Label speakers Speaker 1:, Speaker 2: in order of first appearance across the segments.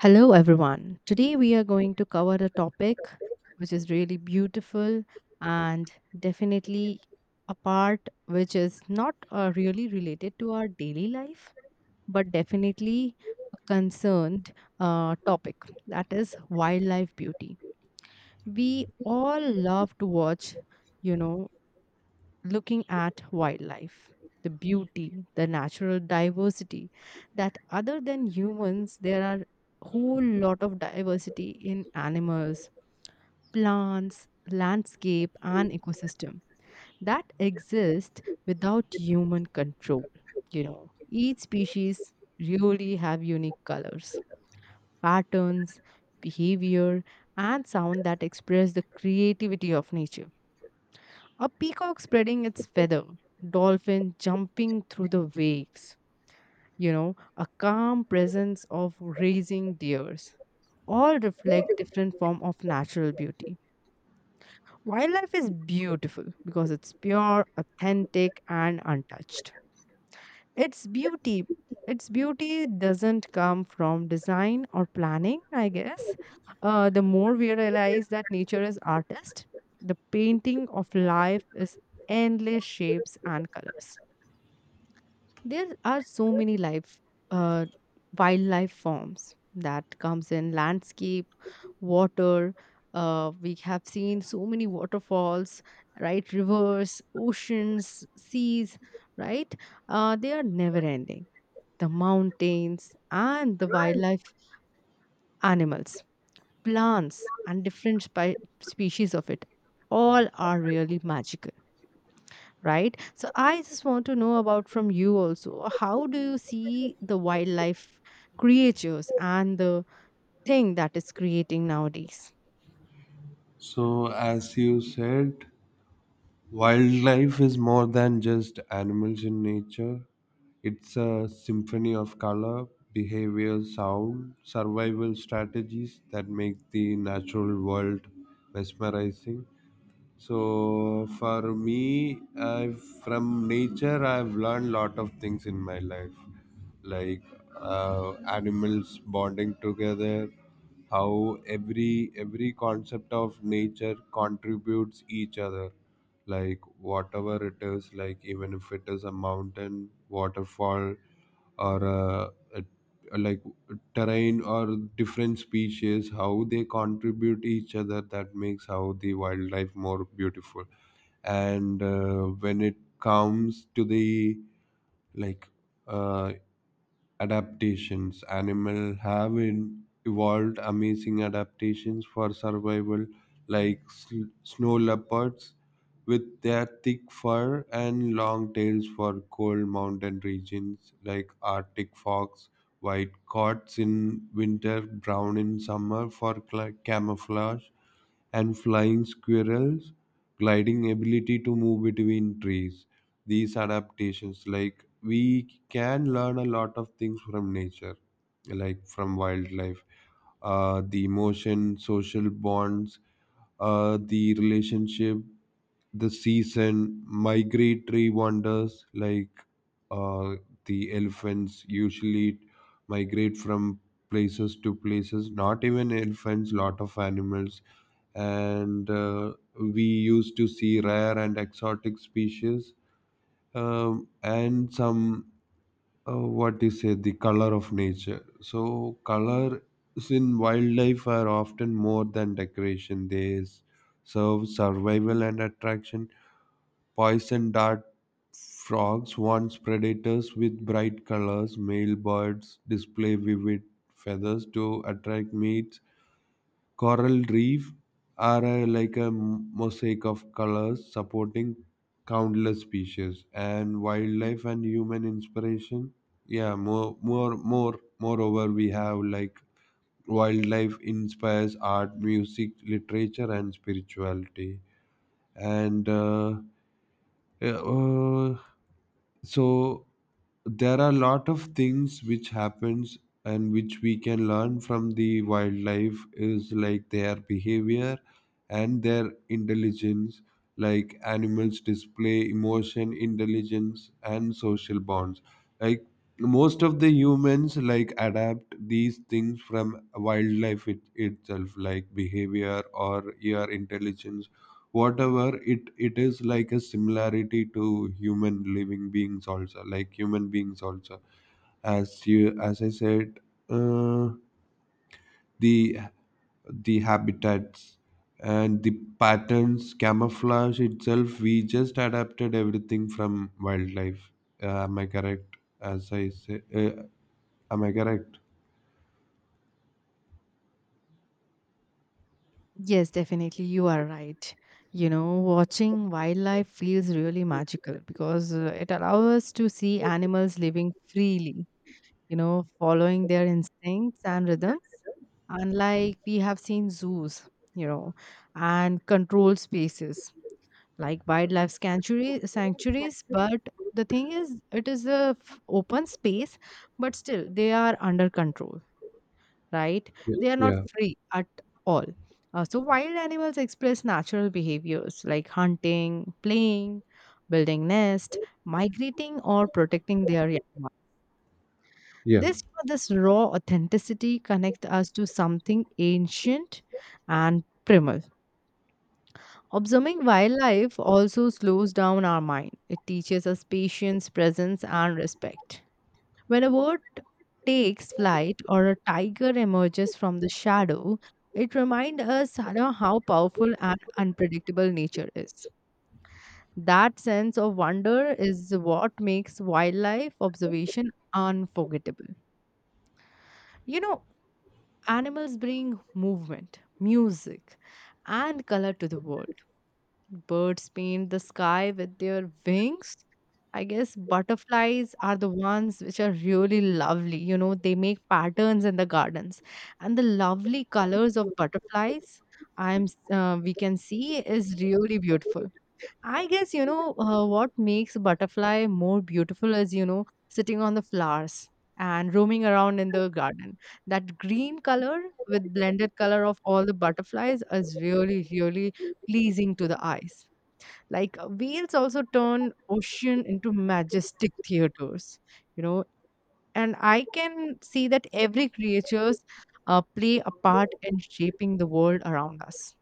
Speaker 1: Hello, everyone. Today we are going to cover a topic which is really beautiful and definitely a part which is not really related to our daily life, but definitely a concerned topic that is wildlife beauty. We all love to watch, you know, looking at wildlife, the beauty, the natural diversity, that other than humans, there are whole lot of diversity in animals, plants, landscape, and ecosystem that exist without human control. You know, each species really have unique colors, patterns, behavior, and sound that express the creativity of nature, a peacock spreading its feather, dolphin jumping through the waves, a calm presence of raising deers, all reflect different form of natural beauty. Wildlife is beautiful because it's pure, authentic and untouched. It's beauty. Its beauty doesn't come from design or planning, I guess. The more we realize that nature is artist, the painting of life is endless shapes and colors. There are so many life, uh, wildlife forms that comes in landscape, water. We have seen so many waterfalls, right? Rivers, oceans, seas, right? They are never ending, the mountains and the wildlife, animals, plants, and different species of it. All are really magical, right? So I just want to know about from you also. How do you see the wildlife creatures and the thing that is creating nowadays?
Speaker 2: So, as you said, wildlife is more than just animals in nature. It's a symphony of color, behavior, sound, survival strategies that make the natural world mesmerizing. So, for me, from nature, I've learned lot of things in my life like animals bonding together, how every concept of nature contributes each other, like whatever it is, like even if it is a mountain waterfall or a terrain or different species, how they contribute each other, that makes how the wildlife more beautiful. And when it comes to the like uh, adaptations. Animal have evolved amazing adaptations for survival, like snow leopards with their thick fur and long tails for cold mountain regions, like Arctic fox, white coats in winter, brown in summer for cla camouflage, and flying squirrels, gliding ability to move between trees. These adaptations, like we can learn a lot of things from nature, like from wildlife, the emotion, social bonds, the relationship, the season, migratory wonders, like uh, the elephants usually migrate from places to places, not even elephants, lot of animals. And we used to see rare and exotic species, and some, what is it, the color of nature. So, colors in wildlife are often more than decoration, they serve survival and attraction. Poison dart frogs warns predators with bright colors. Male birds display vivid feathers to attract mates. Coral reef are like a mosaic of colors supporting countless species, and wildlife and human inspiration. Yeah, moreover, we have like wildlife inspires art, music, literature, and spirituality. And yeah, uh, so there are a lot of things which happens and which we can learn from the wildlife is like their behavior and their intelligence, like animals display emotion intelligence and social bonds, like most of the humans like adapt these things from wildlife itself, like behavior or your intelligence, whatever it is, like a similarity to human living beings also, like human beings also. As you as I said, uh, the the habitats and the patterns, camouflage itself, we just adapted everything from wildlife. Am I correct? As I say, am I correct?
Speaker 1: Yes, definitely. You are right. You know, watching wildlife feels really magical because it allows us to see animals living freely, you know, following their instincts and rhythms. Unlike we have seen zoos, you know, and controlled spaces like wildlife sanctuary, sanctuaries. But the thing is, it is a open space, but still they are under control, right? They are not
Speaker 2: Yeah,
Speaker 1: free at all. So, wild animals express natural behaviors like hunting, playing, building nest, migrating, or protecting their young one.
Speaker 2: yeah,
Speaker 1: This, you know, this raw authenticity connects us to something ancient and primal. Observing wildlife also slows down our mind. It teaches us patience, presence, and respect. When a bird takes flight or a tiger emerges from the shadow, it reminds us, you know, how powerful and unpredictable nature is. That sense of wonder is what makes wildlife observation unforgettable. You know, animals bring movement, music, and color to the world. Birds paint the sky with their wings. I guess butterflies are the ones which are really lovely. You know, they make patterns in the gardens. And the lovely colors of butterflies, we can see is really beautiful. I guess, you know, what makes a butterfly more beautiful is, you know, sitting on the flowers and roaming around in the garden. That green color with blended color of all the butterflies is really, really pleasing to the eyes. Like whales also turn ocean into majestic theaters, you know. And I can see that every creatures play a part in shaping the world around us.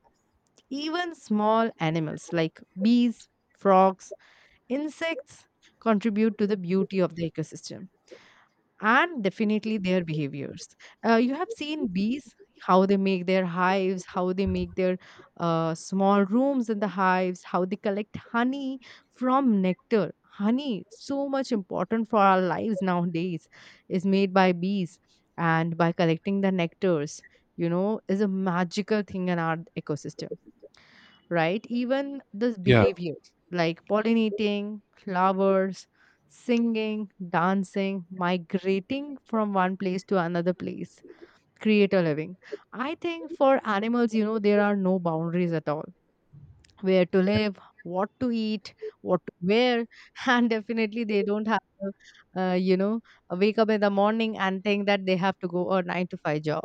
Speaker 1: Even small animals like bees, frogs, insects contribute to the beauty of the ecosystem and definitely their behaviors. You have seen bees, how they make their hives, how they make their small rooms in the hives, how they collect honey from nectar. Honey, so much important for our lives nowadays, is made by bees and by collecting the nectars, you know, is a magical thing in our ecosystem, right? Even this
Speaker 2: yeah,
Speaker 1: behaviors like pollinating, flowers, singing, dancing, migrating from one place to another place create a living. I think for animals, you know, there are no boundaries at all, where to live, what to eat, what to wear, and definitely they don't have to, you know, wake up in the morning and think that they have to go a nine to five job.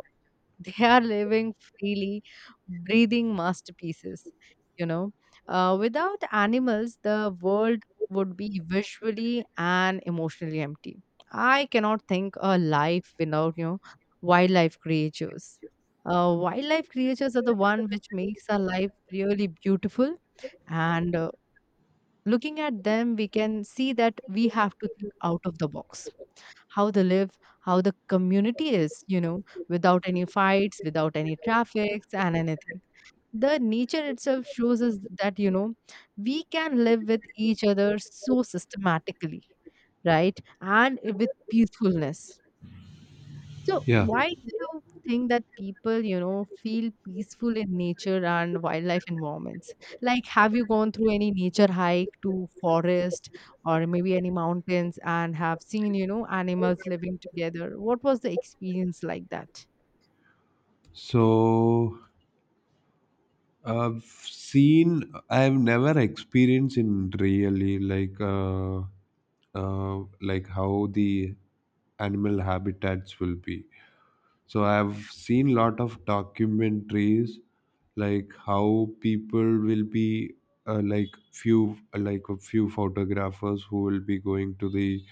Speaker 1: They are living freely, breathing masterpieces, you know. Without animals, the world would be visually and emotionally empty. I cannot think a life without, you know, wildlife creatures. Wildlife creatures are the one which makes our life really beautiful. And looking at them, we can see that we have to think out of the box, how they live, how the community is, you know, without any fights, without any traffics and anything. The nature itself shows us that, you know, we can live with each other so systematically, right? And with peacefulness. So,
Speaker 2: yeah.
Speaker 1: why do you think that people, you know, feel peaceful in nature and wildlife environments? Like, have you gone through any nature hike to forest or maybe any mountains and have seen, you know, animals living together? What was the experience like that?
Speaker 2: So I've seen. I've never experienced in really like how the animal habitats will be. So I've seen lot of documentaries, like how people will be like few like a few photographers who will be going to the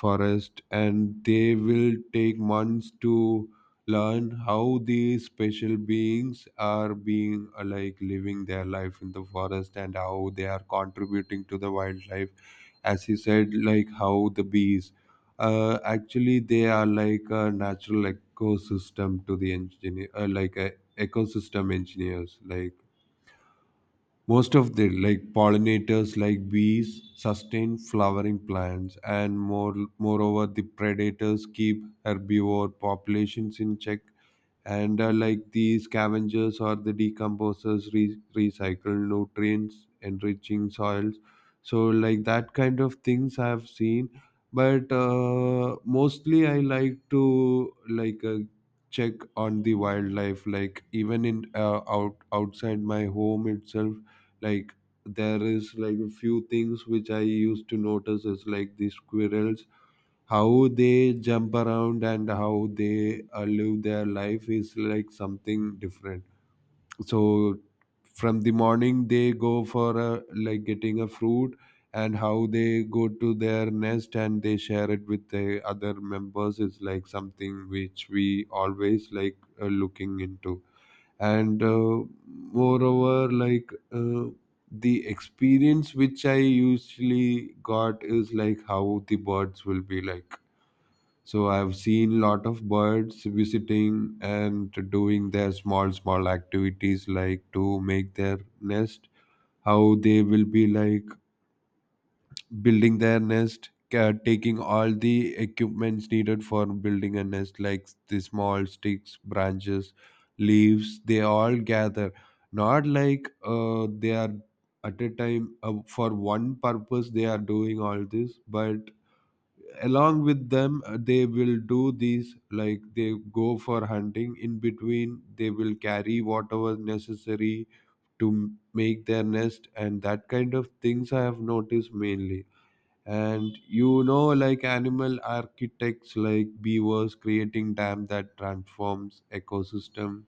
Speaker 2: forest, and they will take months to learn how these special beings are being like living their life in the forest, and how they are contributing to the wildlife. As he said, like how the bees actually, they are like a natural ecosystem to the engineer, like a ecosystem engineers, like most of the like pollinators like bees sustain flowering plants. And moreover, the predators keep herbivore populations in check, and like the scavengers or the decomposers recycle nutrients, enriching soils. So like that kind of things I have seen. But mostly I like to check on the wildlife, like even in outside my home itself. Like there is like a few things which I used to notice is like the squirrels, how they jump around and how they live their life is like something different. So from the morning, they go for like getting a fruit, and how they go to their nest and they share it with the other members is like something which we always like looking into. And moreover like the experience which I usually got is like how the birds will be like. So I've seen lot of birds visiting and doing their small small activities like to make their nest. How they will be like building their nest, taking all the equipments needed for building a nest, like the small sticks, branches, leaves. They all gather. Not like they are at a time for one purpose they are doing all this, but along with them, they will do these, like they go for hunting, in between they will carry whatever necessary to make their nest. And that kind of things I have noticed mainly. And you know, like animal architects like beavers creating dam that transforms ecosystem,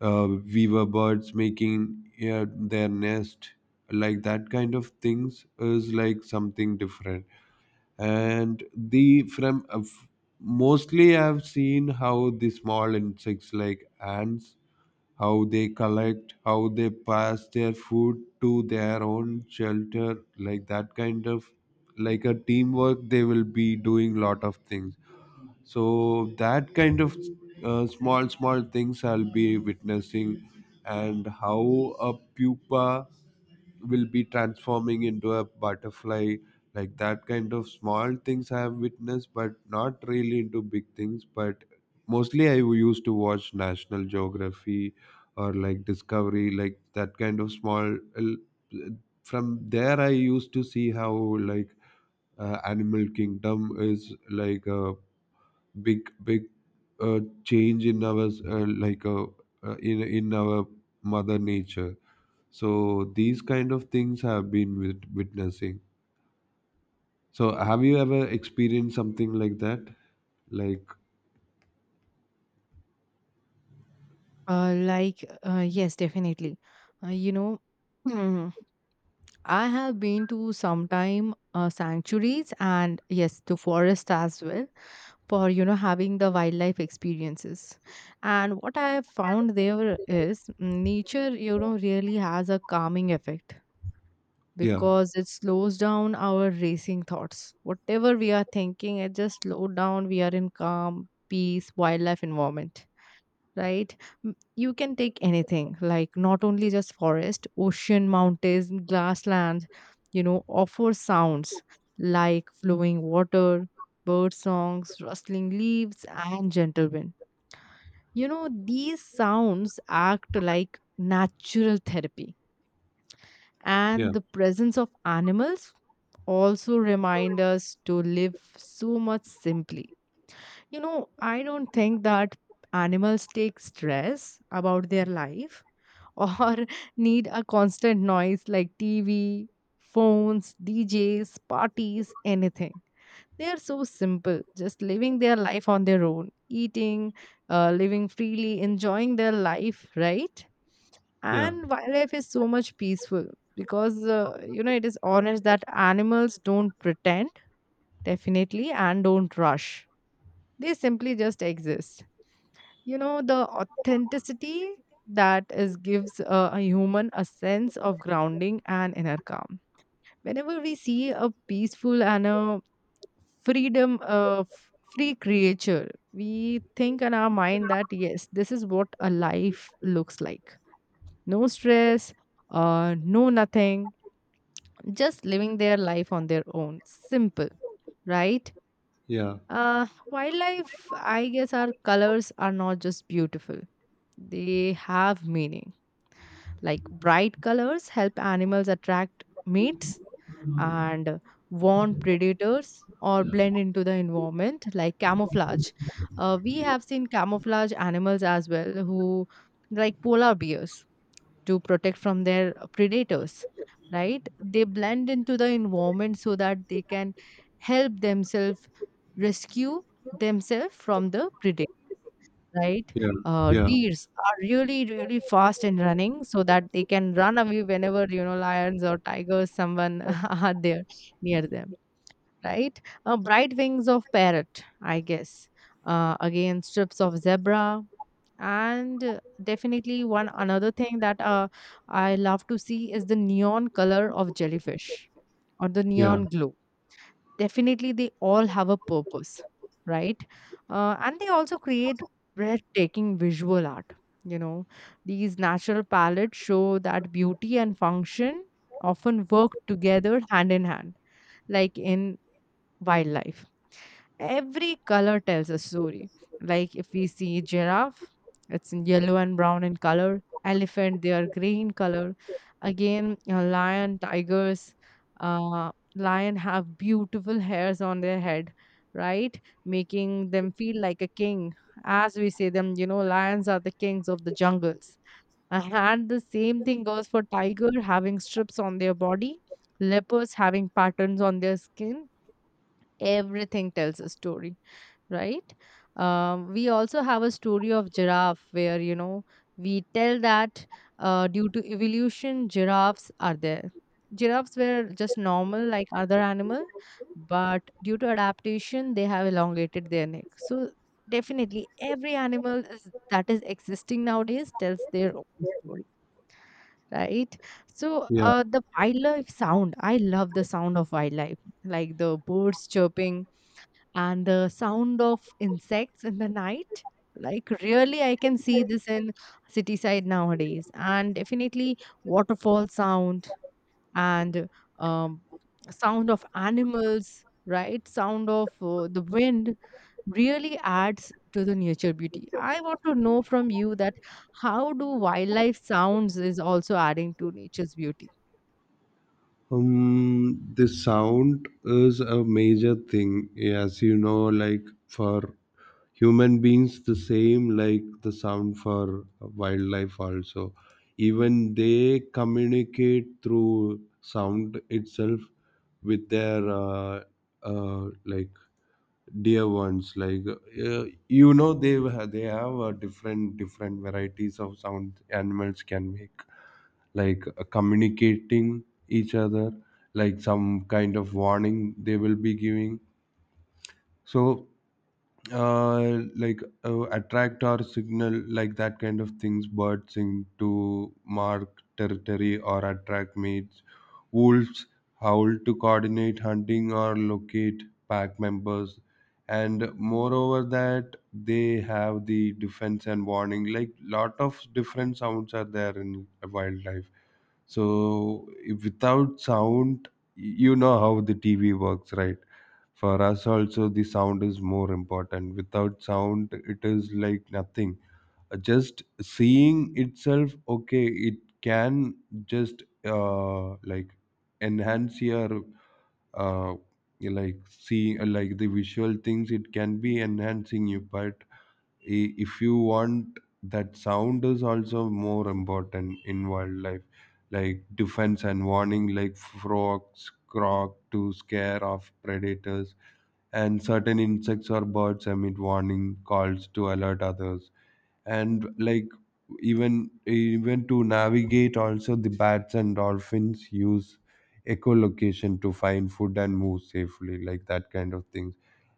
Speaker 2: uh, weaver birds making uh, their nest, like that kind of things is like something different. And the from mostly I've seen how the small insects like ants, how they collect, how they pass their food to their own shelter, like that kind of like a teamwork they will be doing, lot of things. So that kind of small small things I'll be witnessing. And how a pupa will be transforming into a butterfly, like that kind of small things I have witnessed, but not really into big things. But mostly I used to watch national geography or like discovery, like that kind of small, from there I used to see how like animal kingdom is like a big big change in our in our mother nature. So these kind of things have been witnessing. So have you ever experienced something like that, like?
Speaker 1: Yes, definitely. You know, hmm, I have been to sometime sanctuaries and yes, to forest as well, for you know having the wildlife experiences. And what I have found there is, mm, nature you know really has a calming effect
Speaker 2: Yeah,
Speaker 1: because it slows down our racing thoughts. Whatever we are thinking, it just slow down. We are in calm peace wildlife environment, right? You can take anything, like not only just forest, ocean, mountains, grasslands, you know, offer sounds like flowing water, bird songs, rustling leaves, and gentle wind. You know, these sounds act like natural therapy.
Speaker 2: yeah,
Speaker 1: And the presence of animals also remind us to live so much simply. You know, I don't think that animals take stress about their life or need a constant noise like TV, phones, DJs, parties, anything. They are so simple, just living their life on their own, eating, living freely, enjoying their life, right?
Speaker 2: yeah,
Speaker 1: And wildlife is so much peaceful because, you know, it is honest that animals don't pretend, definitely, and don't rush. They simply just exist. You know, the authenticity that is gives a human a sense of grounding and inner calm. Whenever we see a peaceful and a freedom of free creature, we think in our mind that yes, this is what a life looks like, no stress, no nothing, just living their life on their own, simple, right?
Speaker 2: yeah,
Speaker 1: Wildlife, I guess, our colors are not just beautiful, they have meaning. Like bright colors help animals attract mates and warn predators or blend into the environment, like camouflage. We have seen camouflage animals as well, who like polar bears, to protect from their predators, right? They blend into the environment so that they can help themselves, rescue themselves from the predator, right?
Speaker 2: yeah,
Speaker 1: uh,
Speaker 2: yeah,
Speaker 1: deers are really really fast and running so that they can run away whenever you know lions or tigers someone are there near them, right? Bright wings of parrot, I guess, again strips of zebra, and definitely one another thing that I love to see is the neon color of jellyfish or the
Speaker 2: yeah,
Speaker 1: neon glow, definitely they all have a purpose, right? And they also create breathtaking visual art, you know. These natural palettes show that beauty and function often work together hand in hand, like in wildlife. Every color tells a story. Like if we see giraffe, it's in yellow and brown in color. Elephant, they are gray in color. Again, lion, tigers, lion have beautiful hairs on their head, right? Making them feel like a king. As we say them, you know, lions are the kings of the jungles. And the same thing goes for tiger having strips on their body, leopards having patterns on their skin, everything tells a story, right? Um, we also have a story of giraffe where you know we tell that, due to evolution giraffes are there, giraffes were just normal like other animal, but due to adaptation they have elongated their neck. So definitely every animal is, that is existing nowadays, tells their own story, right? So
Speaker 2: yeah.
Speaker 1: the wildlife sound, I love the sound of wildlife, like the birds chirping and the sound of insects in the night. Like really I can see this in city side nowadays, and definitely waterfall sound, and, um, sound of animals, right? Sound of the wind really adds to the nature beauty. I want to know from you that, how do wildlife sounds is also adding to nature's beauty?
Speaker 2: The sound is a major thing. As you know, like for human beings the same, like the sound for wildlife also, even they communicate through sound itself with their like dear ones. Like you know, they they have different varieties of sound animals can make, like communicating each other, like some kind of warning they will be giving. So attract or signal, like that kind of things, birds sing to mark territory or attract mates, wolves howl to coordinate hunting or locate pack members. And moreover that, they have the defense and warning, like lot of different sounds are there in wildlife. So if without sound, you know how the TV works, right? For us also, the sound is more important. Without sound it is like nothing. Just seeing itself, okay, it can just like enhance your uh, see, like the visual things. It can be enhancing you. But if you want, that sound is also more important in wildlife, like defense and warning, like frogs croak to scare off predators, and certain insects or birds emit warning calls to alert others. And like even to navigate also, the bats and dolphins use echolocation to find food and move safely, like that kind of things.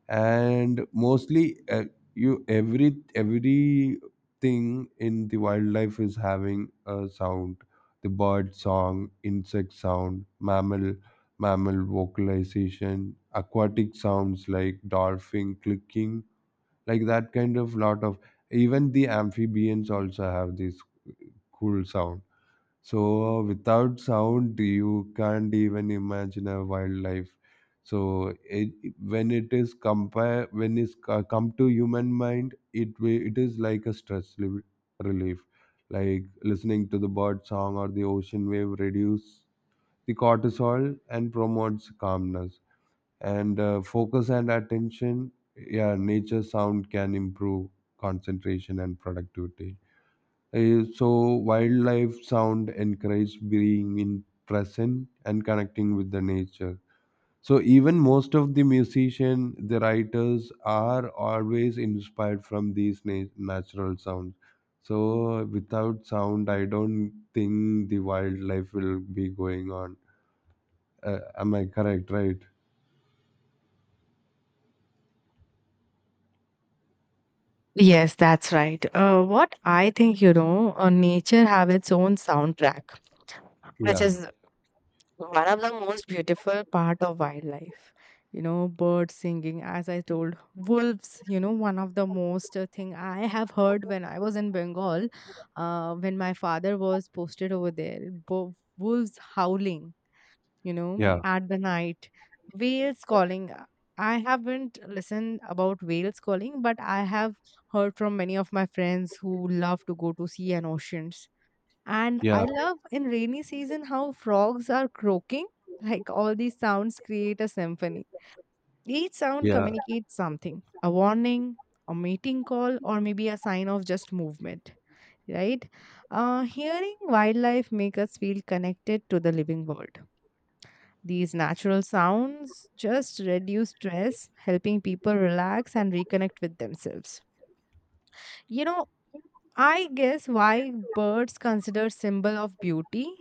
Speaker 2: And mostly you, everything in the wildlife is having a sound, the bird song, insect sound, mammal vocalization, aquatic sounds like dolphin clicking, like that kind of lot of. Even the amphibians also have this cool sound. So without sound, you can't even imagine a wildlife. So when it is compare when it's come to human mind, it it is like a stress relief, like listening to the bird song or the ocean wave reduce the cortisol and promotes calmness, and focus and attention. Yeah, nature sound can improve concentration and productivity. So wildlife sound encourage being in present and connecting with the nature. So even most of the musician, the writers are always inspired from these natural sounds. So without sound, I don't think the wildlife will be going on. Am I correct? Right.
Speaker 1: Yes, that's right. What I think, you know, nature have its own soundtrack, which
Speaker 2: Yeah,
Speaker 1: is one of the most beautiful part of wildlife. You know, birds singing, as I told, wolves. You know, one of the most thing I have heard when I was in Bengal, when my father was posted over there, wolves howling, you know,
Speaker 2: yeah,
Speaker 1: at the night. Whales calling. I haven't listened about whales calling, but I have heard from many of my friends who love to go to sea and oceans. And
Speaker 2: yeah,
Speaker 1: I love in rainy season how frogs are croaking. Like all these sounds create a symphony. Each sound
Speaker 2: yeah,
Speaker 1: communicates something, a warning, a mating call, or maybe a sign of just movement, right? Hearing wildlife make us feel connected to the living world. These natural sounds just reduce stress, helping people relax and reconnect with themselves. You know, I guess why birds considered symbol of beauty.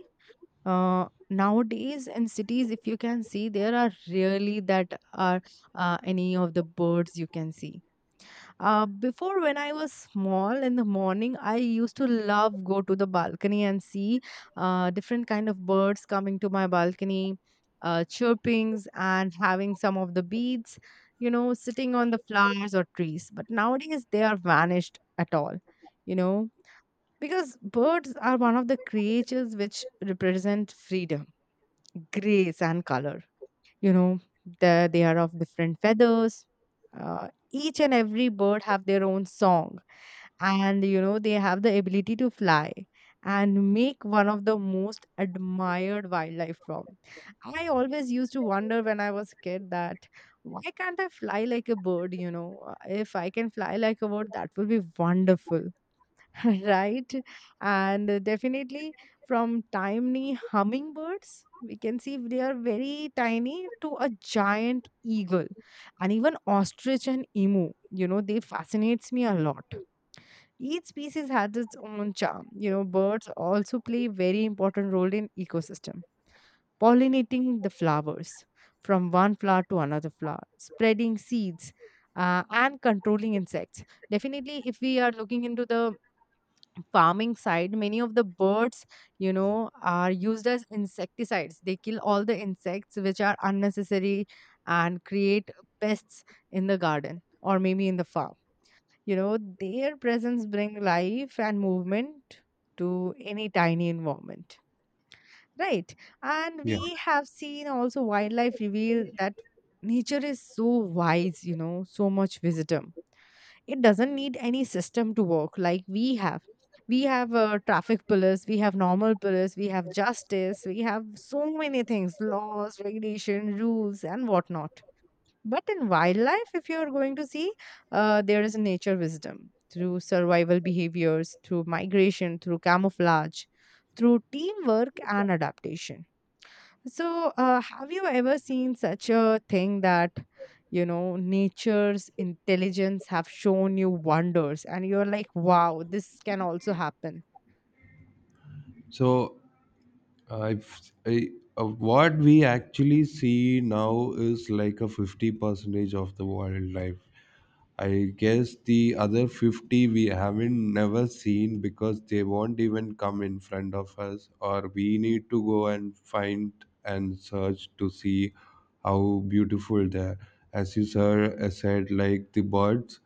Speaker 1: Nowadays in cities, if you can see, there are really that are any of the birds you can see before when I was small in the morning, I used to love go to the balcony and see different kind of birds coming to my balcony, chirpings and having some of the beads, you know, sitting on the flowers or trees. But nowadays they are vanished at all, you know, because birds are one of the creatures which represent freedom, grace, and color, you know, they are of different feathers. Uh, each and every bird have their own song, and you know they have the ability to fly and make one of the most admired wildlife form. I always used to wonder when I was a kid that why can't I fly like a bird, you know. If I can fly like a bird that will be wonderful. Right? And definitely from tiny hummingbirds, we can see they are very tiny, to a giant eagle and even ostrich and emu. You know, they fascinates me a lot. Each species has its own charm. You know, birds also play very important role in ecosystem, pollinating the flowers from one flower to another flower, spreading seeds, and controlling insects. Definitely, if we are looking into the farming side, many of the birds, you know, are used as insecticides. They kill all the insects which are unnecessary and create pests in the garden or maybe in the farm. You know, their presence bring life and movement to any tiny environment, right? And
Speaker 2: yeah.
Speaker 1: we have seen also wildlife reveal that nature is so wise, you know, so much wisdom. It doesn't need any system to work like we have. We have traffic police, we have normal police, we have justice, we have so many things, laws, regulation, rules, and whatnot. But in wildlife, if you're going to see, there is nature wisdom through survival behaviors, through migration, through camouflage, through teamwork and adaptation. So, have you ever seen such a thing that, you know, nature's intelligence have shown you wonders and you're like, wow, this can also happen?
Speaker 2: So I've what we actually see now is like a 50 percentage of the wildlife. I guess the other 50 we haven't never seen because they won't even come in front of us, or we need to go and find and search to see how beautiful they are. As you sir said, like the birds.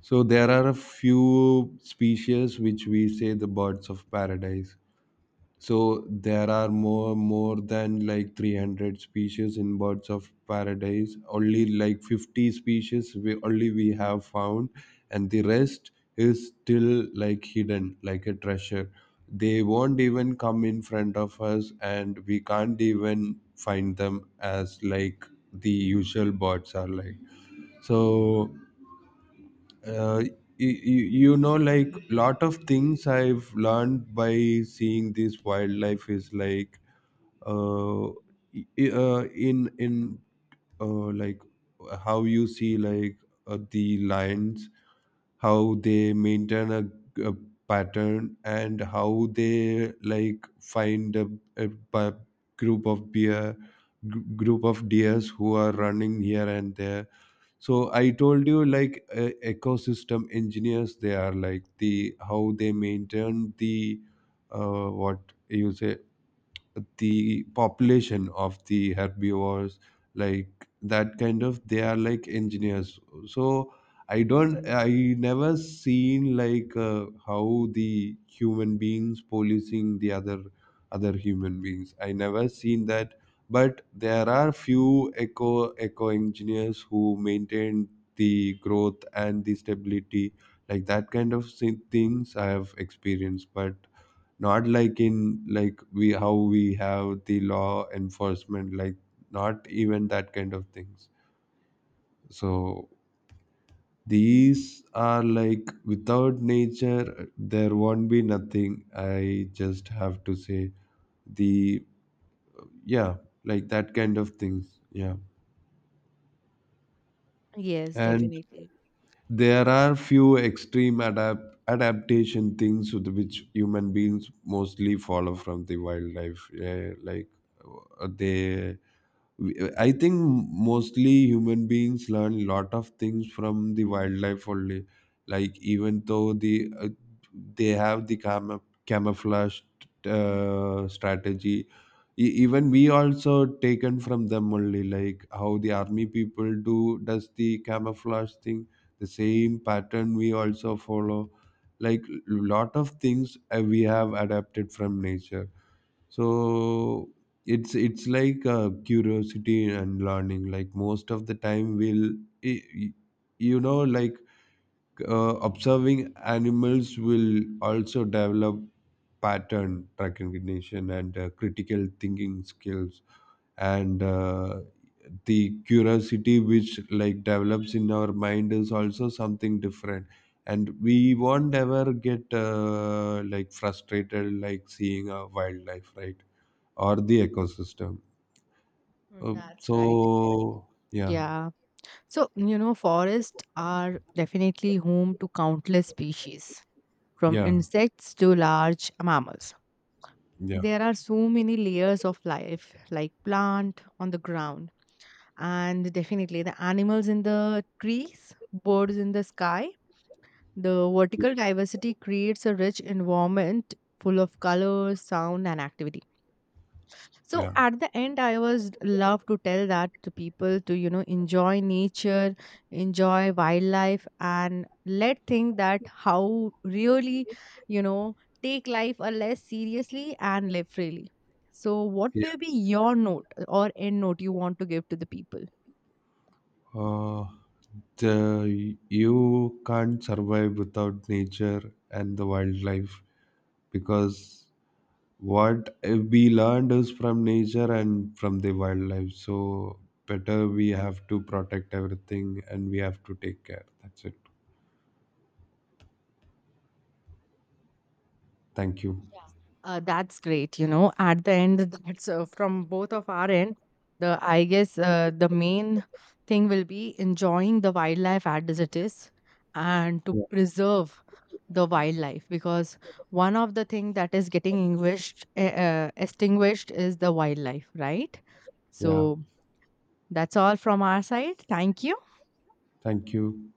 Speaker 2: So there are a few species which we say the birds of paradise. So there are more than like 300 species in birds of paradise. Only like 50 species we only we have found, and the rest is still like hidden, like a treasure. They won't even come in front of us, and we can't even find them as like the usual birds are like. So. Uh, you, you know, like lot of things I've learned by seeing this wildlife is like uh, I- in like how you see, like the lions, how they maintain a pattern, and how they like find a, pa- group of bear, group of deers, who are running here and there. So I told you, like ecosystem engineers, they are like the how they maintain the what you say, the population of the herbivores, like that kind of they are like engineers. So I don't I never seen, like how the human beings policing the other human beings, I never seen that. But there are few eco engineers who maintain the growth and the stability, like that kind of things I have experienced. But not like in, like we how we have the law enforcement, like not even that kind of things. So these are like, without nature there won't be nothing, I just have to say. The, yeah, like that kind of things, yeah.
Speaker 1: Yes,
Speaker 2: And
Speaker 1: definitely.
Speaker 2: there are few extreme adaptation things with which human beings mostly follow from the wildlife, yeah, like uh, they I think mostly human beings learn lot of things from the wildlife only. Like even though the they have the camouflage strategy, even we also taken from them only. Like how the army people do does the camouflage thing, the same pattern we also follow. Like lot of things, we have adapted from nature. So it's like curiosity and learning, like most of the time will, you know, like observing animals will also develop pattern recognition and critical thinking skills. And the curiosity which like develops in our mind is also something different. And we won't ever get like frustrated like seeing a wildlife, right? Or the ecosystem.
Speaker 1: Mhm.
Speaker 2: Uh,
Speaker 1: That's right.
Speaker 2: so yeah,
Speaker 1: Yeah. So, you know, forests are definitely home to countless species, from
Speaker 2: yeah,
Speaker 1: insects to large mammals.
Speaker 2: yeah,
Speaker 1: There are so many layers of life, like plant on the ground. And definitely the animals in the trees, birds in the sky, the
Speaker 2: y-
Speaker 1: vertical diversity creates a rich environment full of colors, sound, and activity. So
Speaker 2: yeah,
Speaker 1: at the end, I was love to tell that to people to you know enjoy nature, enjoy wildlife, and let think that how really, you know, take life a less seriously and live freely. So, what
Speaker 2: yeah.
Speaker 1: will be your note or end note you want to give to the people?
Speaker 2: Uh, the, you can't survive without nature and the wildlife, because what we learned is from nature and from the wildlife. So better we have to protect everything and we have to take care. That's it. Thank you.
Speaker 1: Yeah, that's great. You know, at the end, that's from both of our end. The I guess the main thing will be enjoying the wildlife as it is, and to
Speaker 2: Yeah.
Speaker 1: preserve the wildlife because one of the thing that is getting extinguished, extinguished is the wildlife, right?
Speaker 2: Yeah.
Speaker 1: So that's all from our side. Thank you.
Speaker 2: Thank you.